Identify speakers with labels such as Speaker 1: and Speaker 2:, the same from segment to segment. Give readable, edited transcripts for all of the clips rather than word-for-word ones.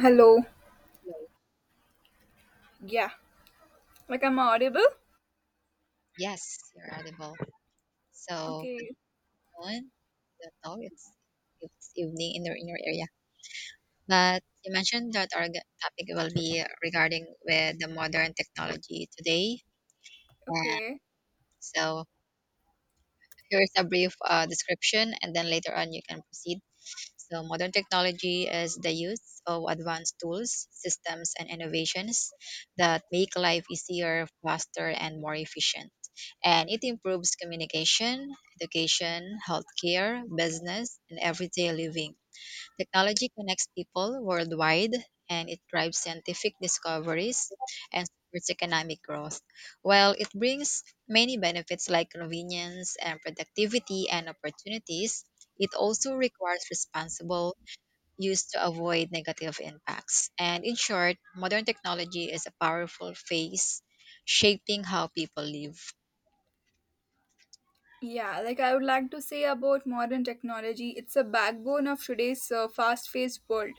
Speaker 1: Hello.
Speaker 2: Hello.
Speaker 1: Yeah. Like I'm audible?
Speaker 2: Yes, you're audible. So
Speaker 1: Okay.
Speaker 2: good noon. Good know it's evening in your area. But you mentioned that our topic will be regarding with the modern technology today. And
Speaker 1: Okay.
Speaker 2: so here's a brief description, and then later on you can proceed. So modern technology is the use of advanced tools, systems, and innovations that make life easier, faster, and more efficient. And it improves communication, education, healthcare, business, and everyday living. Technology connects people worldwide and it drives scientific discoveries and supports economic growth. While it brings many benefits like convenience and productivity and opportunities, it also requires responsible use to avoid negative impacts. And in short, modern technology is a powerful force shaping how people live.
Speaker 1: Yeah, like I would like to say about modern technology, it's a backbone of today's fast-paced world.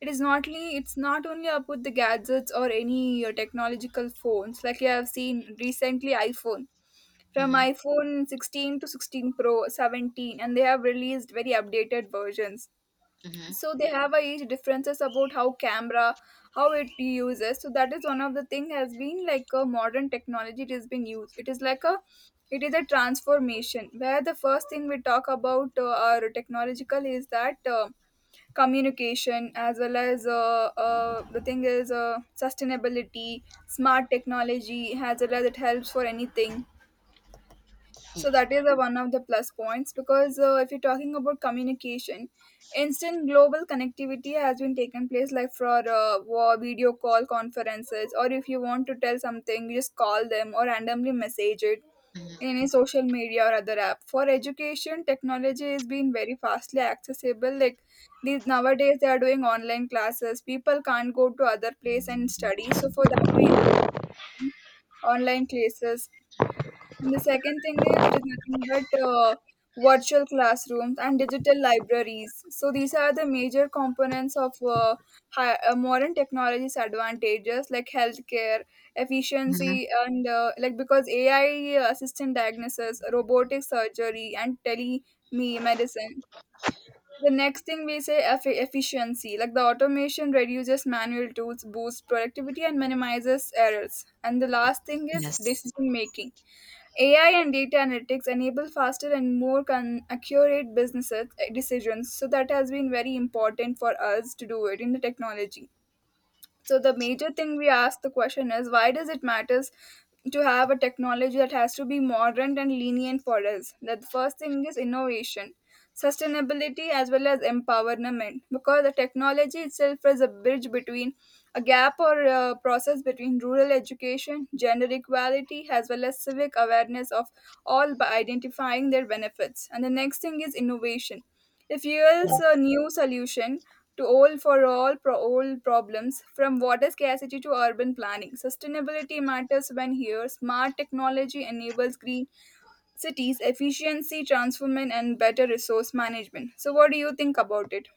Speaker 1: It's not only about the gadgets or any technological phones. Like I have seen recently iPhone from
Speaker 2: hmm
Speaker 1: iPhone 16 to 16 Pro, 17, and they have released very updated versions.
Speaker 2: hmm
Speaker 1: So they have a each differences about how camera, how it uses, so that is one of the thing has been like a modern technology, it has been used, it is like a, it is a transformation where the first thing we talk about our technological is that communication, as well as the thing is sustainability, smart technology, as well as it helps for anything. So that is the one of the plus points, because if you're talking about communication, instant global connectivity has been taken place, like for video call conferences, or if you want to tell something, you just call them or randomly message it in
Speaker 2: hmm
Speaker 1: any social media or other app. For education, technology is being very fastly accessible. Like these nowadays, they are doing online classes. People can't go to other place and study. So for that reason, online classes, and the second thing is it is nothing but virtual classrooms and digital libraries. So these are the major components of modern technology's advantages, like healthcare,
Speaker 2: hmm
Speaker 1: efficiency, and like because AI assistant diagnosis, robotic surgery, and telemedicine. The next thing we say efficiency, like the automation reduces manual tools, boosts productivity, and minimizes errors. And the last thing is
Speaker 2: Yes.
Speaker 1: decision making. AI and data analytics enable faster and accurate business decisions. So that has been very important for us to do it in the technology. So the major thing we ask the question is, why does it matters to have a technology that has to be modern and lenient for us? That the first thing is innovation, sustainability, as well as empowerment, because the technology itself is a bridge between a gap or a process between rural education, gender equality, as well as civic awareness of all, by identifying their benefits. And the next thing is innovation, it fuels
Speaker 2: Yes.
Speaker 1: a new solution to all, for all pro old problems, from water scarcity to urban planning. Sustainability matters when here smart technology enables green cities, efficiency transformation, and better resource management. So what do you think about it?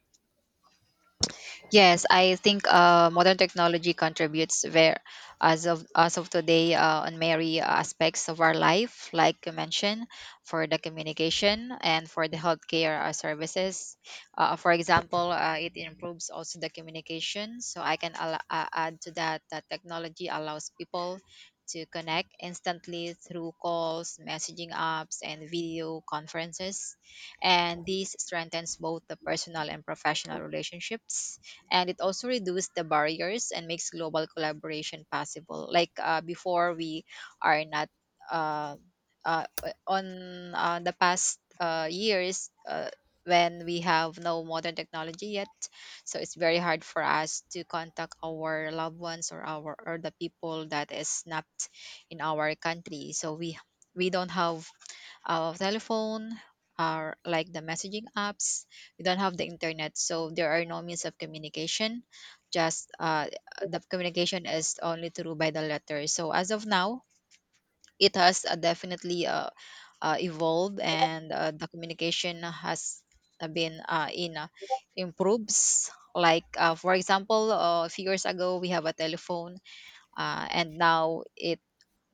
Speaker 2: Yes, I think modern technology contributes where, as of today, on many aspects of our life, like you mentioned, for the communication and for the healthcare services. For example, it improves also the communication. So I can add to that technology allows people to connect instantly through calls, messaging apps, and video conferences, and this strengthens both the personal and professional relationships, and it also reduces the barriers and makes global collaboration possible. Like before we are not uh, uh, on the past years when we have no modern technology yet, so it's very hard for us to contact our loved ones or our or the people that is not in our country. So we don't have our telephone are like the messaging apps. We don't have the internet, so there are no means of communication. Just The communication is only through by the letter. So as of now, it has definitely evolved, and the communication has been in improves. Like for example, a few years ago we have a telephone, and now it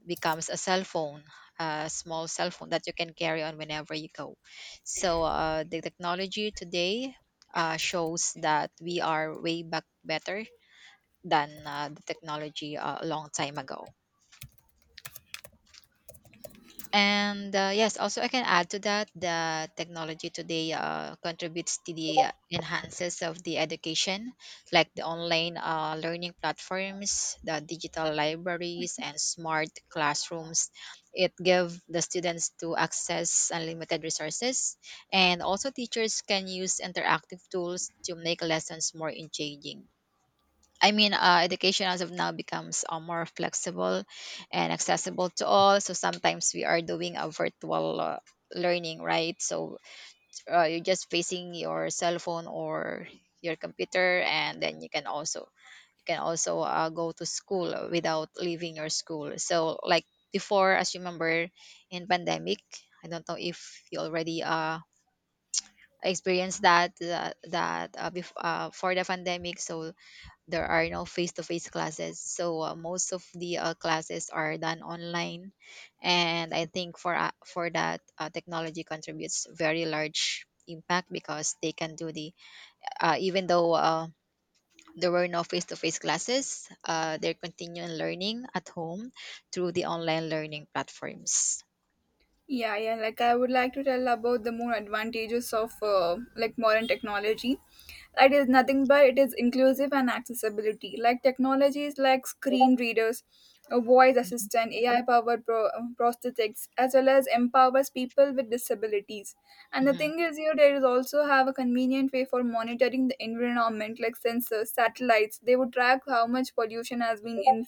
Speaker 2: becomes a cell phone, a small cell phone that you can carry on whenever you go. So the technology today shows that we are way back better than the technology a long time ago. And, yes, also I can add to that the technology today contributes to the enhances of the education, like the online learning platforms, the digital libraries, and smart classrooms. It give the students to access unlimited resources, and also teachers can use interactive tools to make lessons more engaging. I mean, education as of now becomes more flexible and accessible to all. So sometimes we are doing a virtual learning, right? So you're just facing your cell phone or your computer, and then you can also go to school without leaving your school. So like before, as you remember, in pandemic, I don't know if you already experienced that for the pandemic. So there are no face-to-face classes, so most of the classes are done online, and I think for that technology contributes very large impact because they can do the even though there were no face-to-face classes, they're continuing learning at home through the online learning platforms.
Speaker 1: Yeah, yeah. Like I would like to tell about the more advantages of like modern technology. It is nothing but it is inclusive and accessibility. Like technologies like screen readers, a voice
Speaker 2: Mhm,
Speaker 1: assistant, AI powered prosthetics, as well as empowers people with disabilities. And the
Speaker 2: mhm,
Speaker 1: thing is, here there is also have a convenient way for monitoring the environment, like sensors, satellites. They would track how much pollution has been in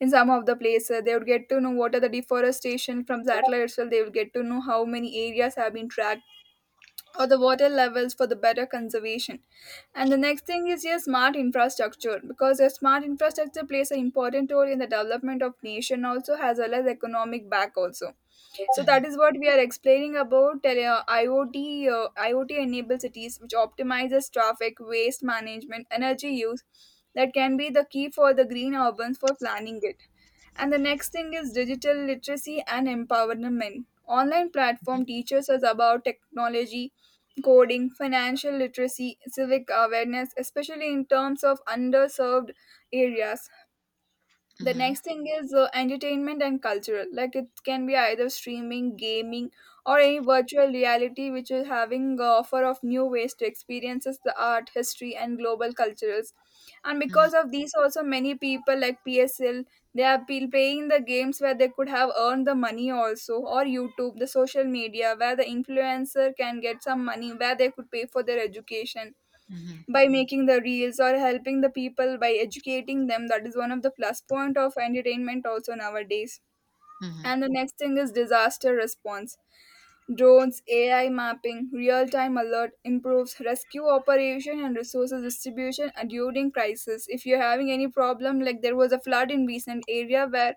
Speaker 1: in some of the places. They would get to know what are the deforestation from satellites, so they will get to know how many areas have been tracked, or the water levels for the better conservation. And the next thing is your smart infrastructure, because your smart infrastructure plays an important role in the development of nation also, as well as economic back also. So
Speaker 2: mhm,
Speaker 1: that is what we are explaining about IoT, IoT enabled cities, which optimizes traffic, waste management, energy use. That can be the key for the green urbans for planning it. And the next thing is digital literacy and empowerment. Online platform teaches us about technology, coding, financial literacy, civic awareness, especially in terms of underserved areas. The
Speaker 2: mhm,
Speaker 1: next thing is entertainment and cultural, like it can be either streaming, gaming, or any virtual reality, which is having offer of new ways to experiences the art, history, and global cultures. And
Speaker 2: mhm, mhm,
Speaker 1: because of these also many people like PSL, they are playing the games where they could have earned the money also, or YouTube, the social media, where the influencer can get some money, where they could pay for their education
Speaker 2: mhm,
Speaker 1: by making the reels or helping the people by educating them. That is one of the plus point of entertainment also nowadays.
Speaker 2: mhm.
Speaker 1: And the next thing is disaster response. Drones, AI mapping, real-time alert improves rescue operation and resources distribution during crisis. If you're having any problem, like there was a flood in recent area where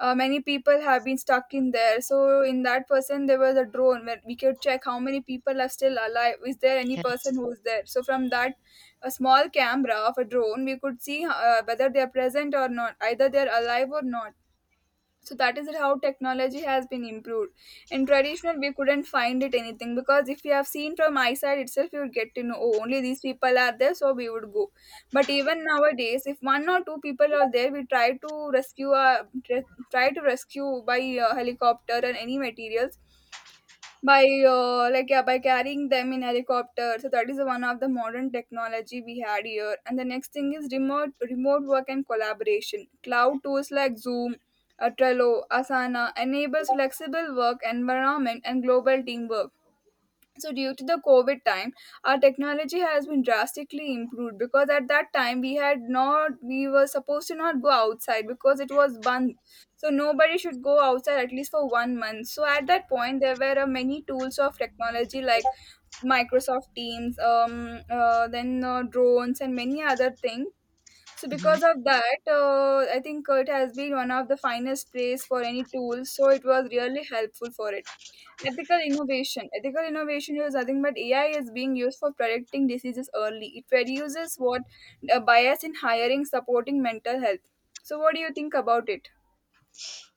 Speaker 1: many people have been stuck in there. So in that person, there was a drone where we could check how many people are still alive. Is there any person
Speaker 2: Yes.
Speaker 1: who's there? So from that, a small camera of a drone, we could see whether they are present or not, either they are alive or not. So that is how technology has been improved. In traditional, we couldn't find it anything, because if you have seen from my side itself, you would get to know, oh, only these people are there, so we would go. But even nowadays if one or two people are there, we try to rescue, try to rescue by helicopter and any materials, by like yeah, by carrying them in helicopter. So that is one of the modern technology we had here. And the next thing is remote work and collaboration, cloud tools like Zoom, Trello, Asana, enables flexible work environment and global teamwork. So due to the COVID time, our technology has been drastically improved, because at that time we had not, we were supposed to not go outside because it was banned. So nobody should go outside at least for 1 month. So at that point there were many tools of technology, like Microsoft Teams, then drones and many other things. So
Speaker 2: Mhm.
Speaker 1: because of that, I think it has been one of the finest place for any tools, so it was really helpful for it. Ethical innovation. Ethical innovation is nothing but AI is being used for predicting diseases early. It reduces what, a bias in hiring, supporting mental health. So, what do you think about it?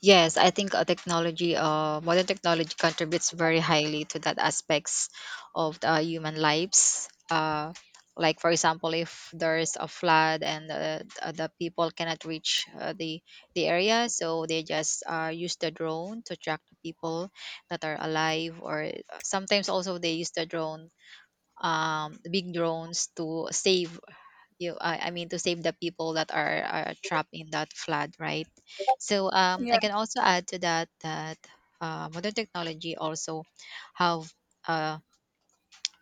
Speaker 2: Yes, I think technology, modern technology contributes very highly to that aspects of the human lives. Like for example, if there is a flood and the people cannot reach the area, so they just use the drone to track the people that are alive. Or sometimes also they use the drone, big drones to save you I mean to save the people that are trapped in that flood, right? So
Speaker 1: Yeah,
Speaker 2: I can also add to that modern technology also have uh,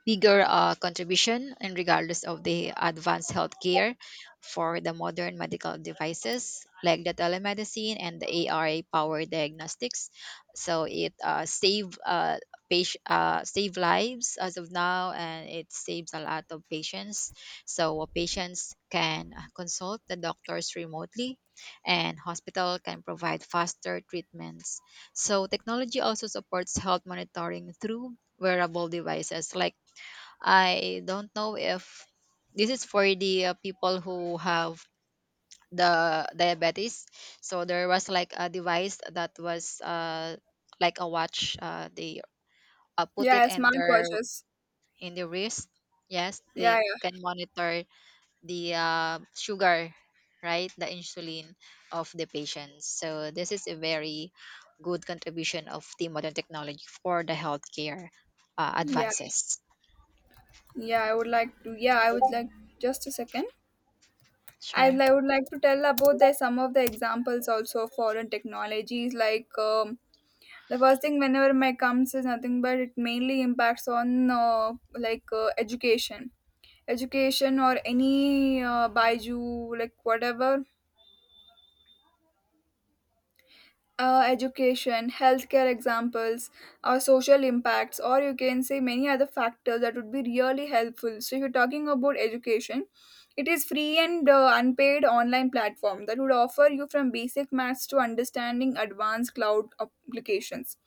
Speaker 2: bigger contribution and regardless of the advanced healthcare for the modern medical devices like the telemedicine and the ARA powered diagnostics. So it save patient save lives as of now, and it saves a lot of patients. So patients can consult the doctors remotely, and hospital can provide faster treatments. So technology also supports health monitoring through wearable devices like I don't know if this is for the people who have the diabetes. So there was like a device that was like a watch. They put it
Speaker 1: yeah,
Speaker 2: in
Speaker 1: smart
Speaker 2: their
Speaker 1: purchase.
Speaker 2: in the wrist. Yes, they
Speaker 1: Yeah,
Speaker 2: can monitor the sugar, right? The insulin of the patients. So this is a very good contribution of the modern technology for the healthcare
Speaker 1: yeah, yeah,
Speaker 2: advances.
Speaker 1: yeah. I would like to. Yeah, I would like, just a second. I,
Speaker 2: Sure.
Speaker 1: I would like to tell about the, some of the examples also of foreign technologies. Like the first thing whenever my comes is nothing but it mainly impacts on like uh, education or any baiju, like whatever, education, healthcare examples, or social impacts, or you can say many other factors, that would be really helpful. So if you're talking about education, it is free and unpaid online platform that would offer you from basic maths to understanding advanced cloud applications.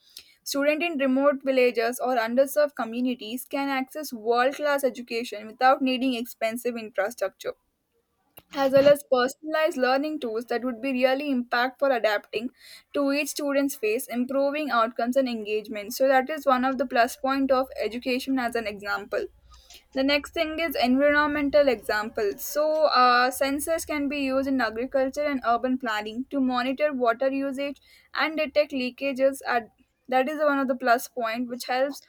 Speaker 1: Student in remote villages or underserved communities can access world class education without needing expensive infrastructure, as well as personalized learning tools that would be really impact for adapting to each student's face, improving outcomes and engagement. So that is one of the plus point of education as an example. The next thing is environmental examples. So, sensors can be used in agriculture and urban planning to monitor water usage and detect leakages. At, that is one of the plus point which helps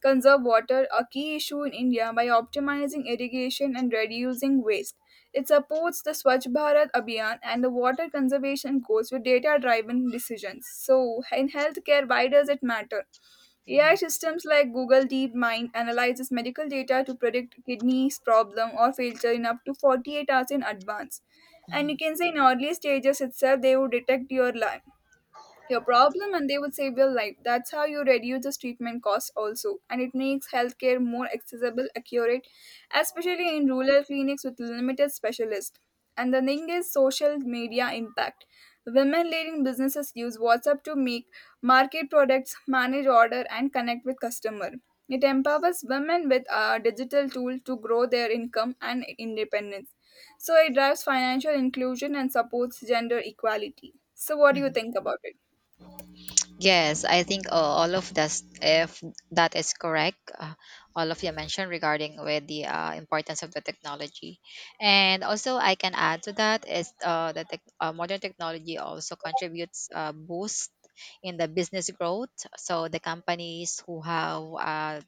Speaker 1: conserve water, a key issue in India, by optimizing irrigation and reducing waste. It supports the Swachh Bharat Abhiyan and the water conservation goals with data driven decisions. So, in healthcare, why does it matter? AI
Speaker 2: Mhm,
Speaker 1: systems like Google DeepMind analyzes medical data to predict kidneys problem or failure in up to 48 hours in advance. And
Speaker 2: mhm,
Speaker 1: you can say in early stages itself, they would detect your problem and they would save your life. That's how you reduce the treatment costs also. And it makes healthcare more accessible, accurate, especially in rural clinics with limited specialists. And the thing is social media impact. Women leading businesses use WhatsApp to make market products, manage order, and connect with customer. It empowers women with a digital tool to grow their income and independence. So it drives financial inclusion and supports gender equality. So what do you
Speaker 2: mhm.
Speaker 1: think about it?
Speaker 2: Yes, I think all of this, if that is correct, all of you mentioned regarding with the importance of the technology, and also I can add to that is modern technology also contributes boost in the business growth. So the companies who have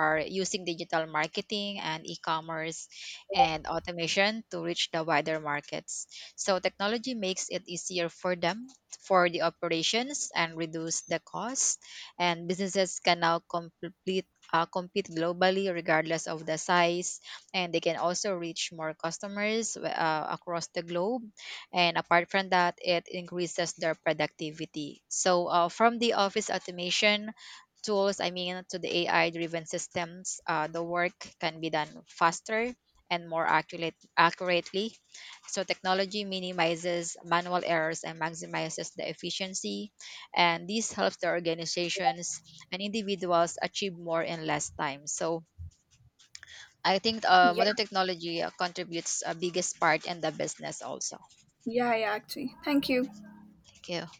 Speaker 2: are using digital marketing and e-commerce and automation to reach the wider markets. So technology makes it easier for them for the operations and reduce the cost, and businesses can now complete compete globally regardless of the size, and they can also reach more customers across the globe. And apart from that, it increases their productivity. So, from the office automation tools, I mean, to the AI driven systems, the work can be done faster and more accurately. So, technology minimizes manual errors and maximizes the efficiency. And this helps the organizations and individuals achieve more in less time. So, I think
Speaker 1: Yeah,
Speaker 2: modern technology contributes a biggest part in the business also.
Speaker 1: yeah, yeah, actually. Thank you.
Speaker 2: Thank you.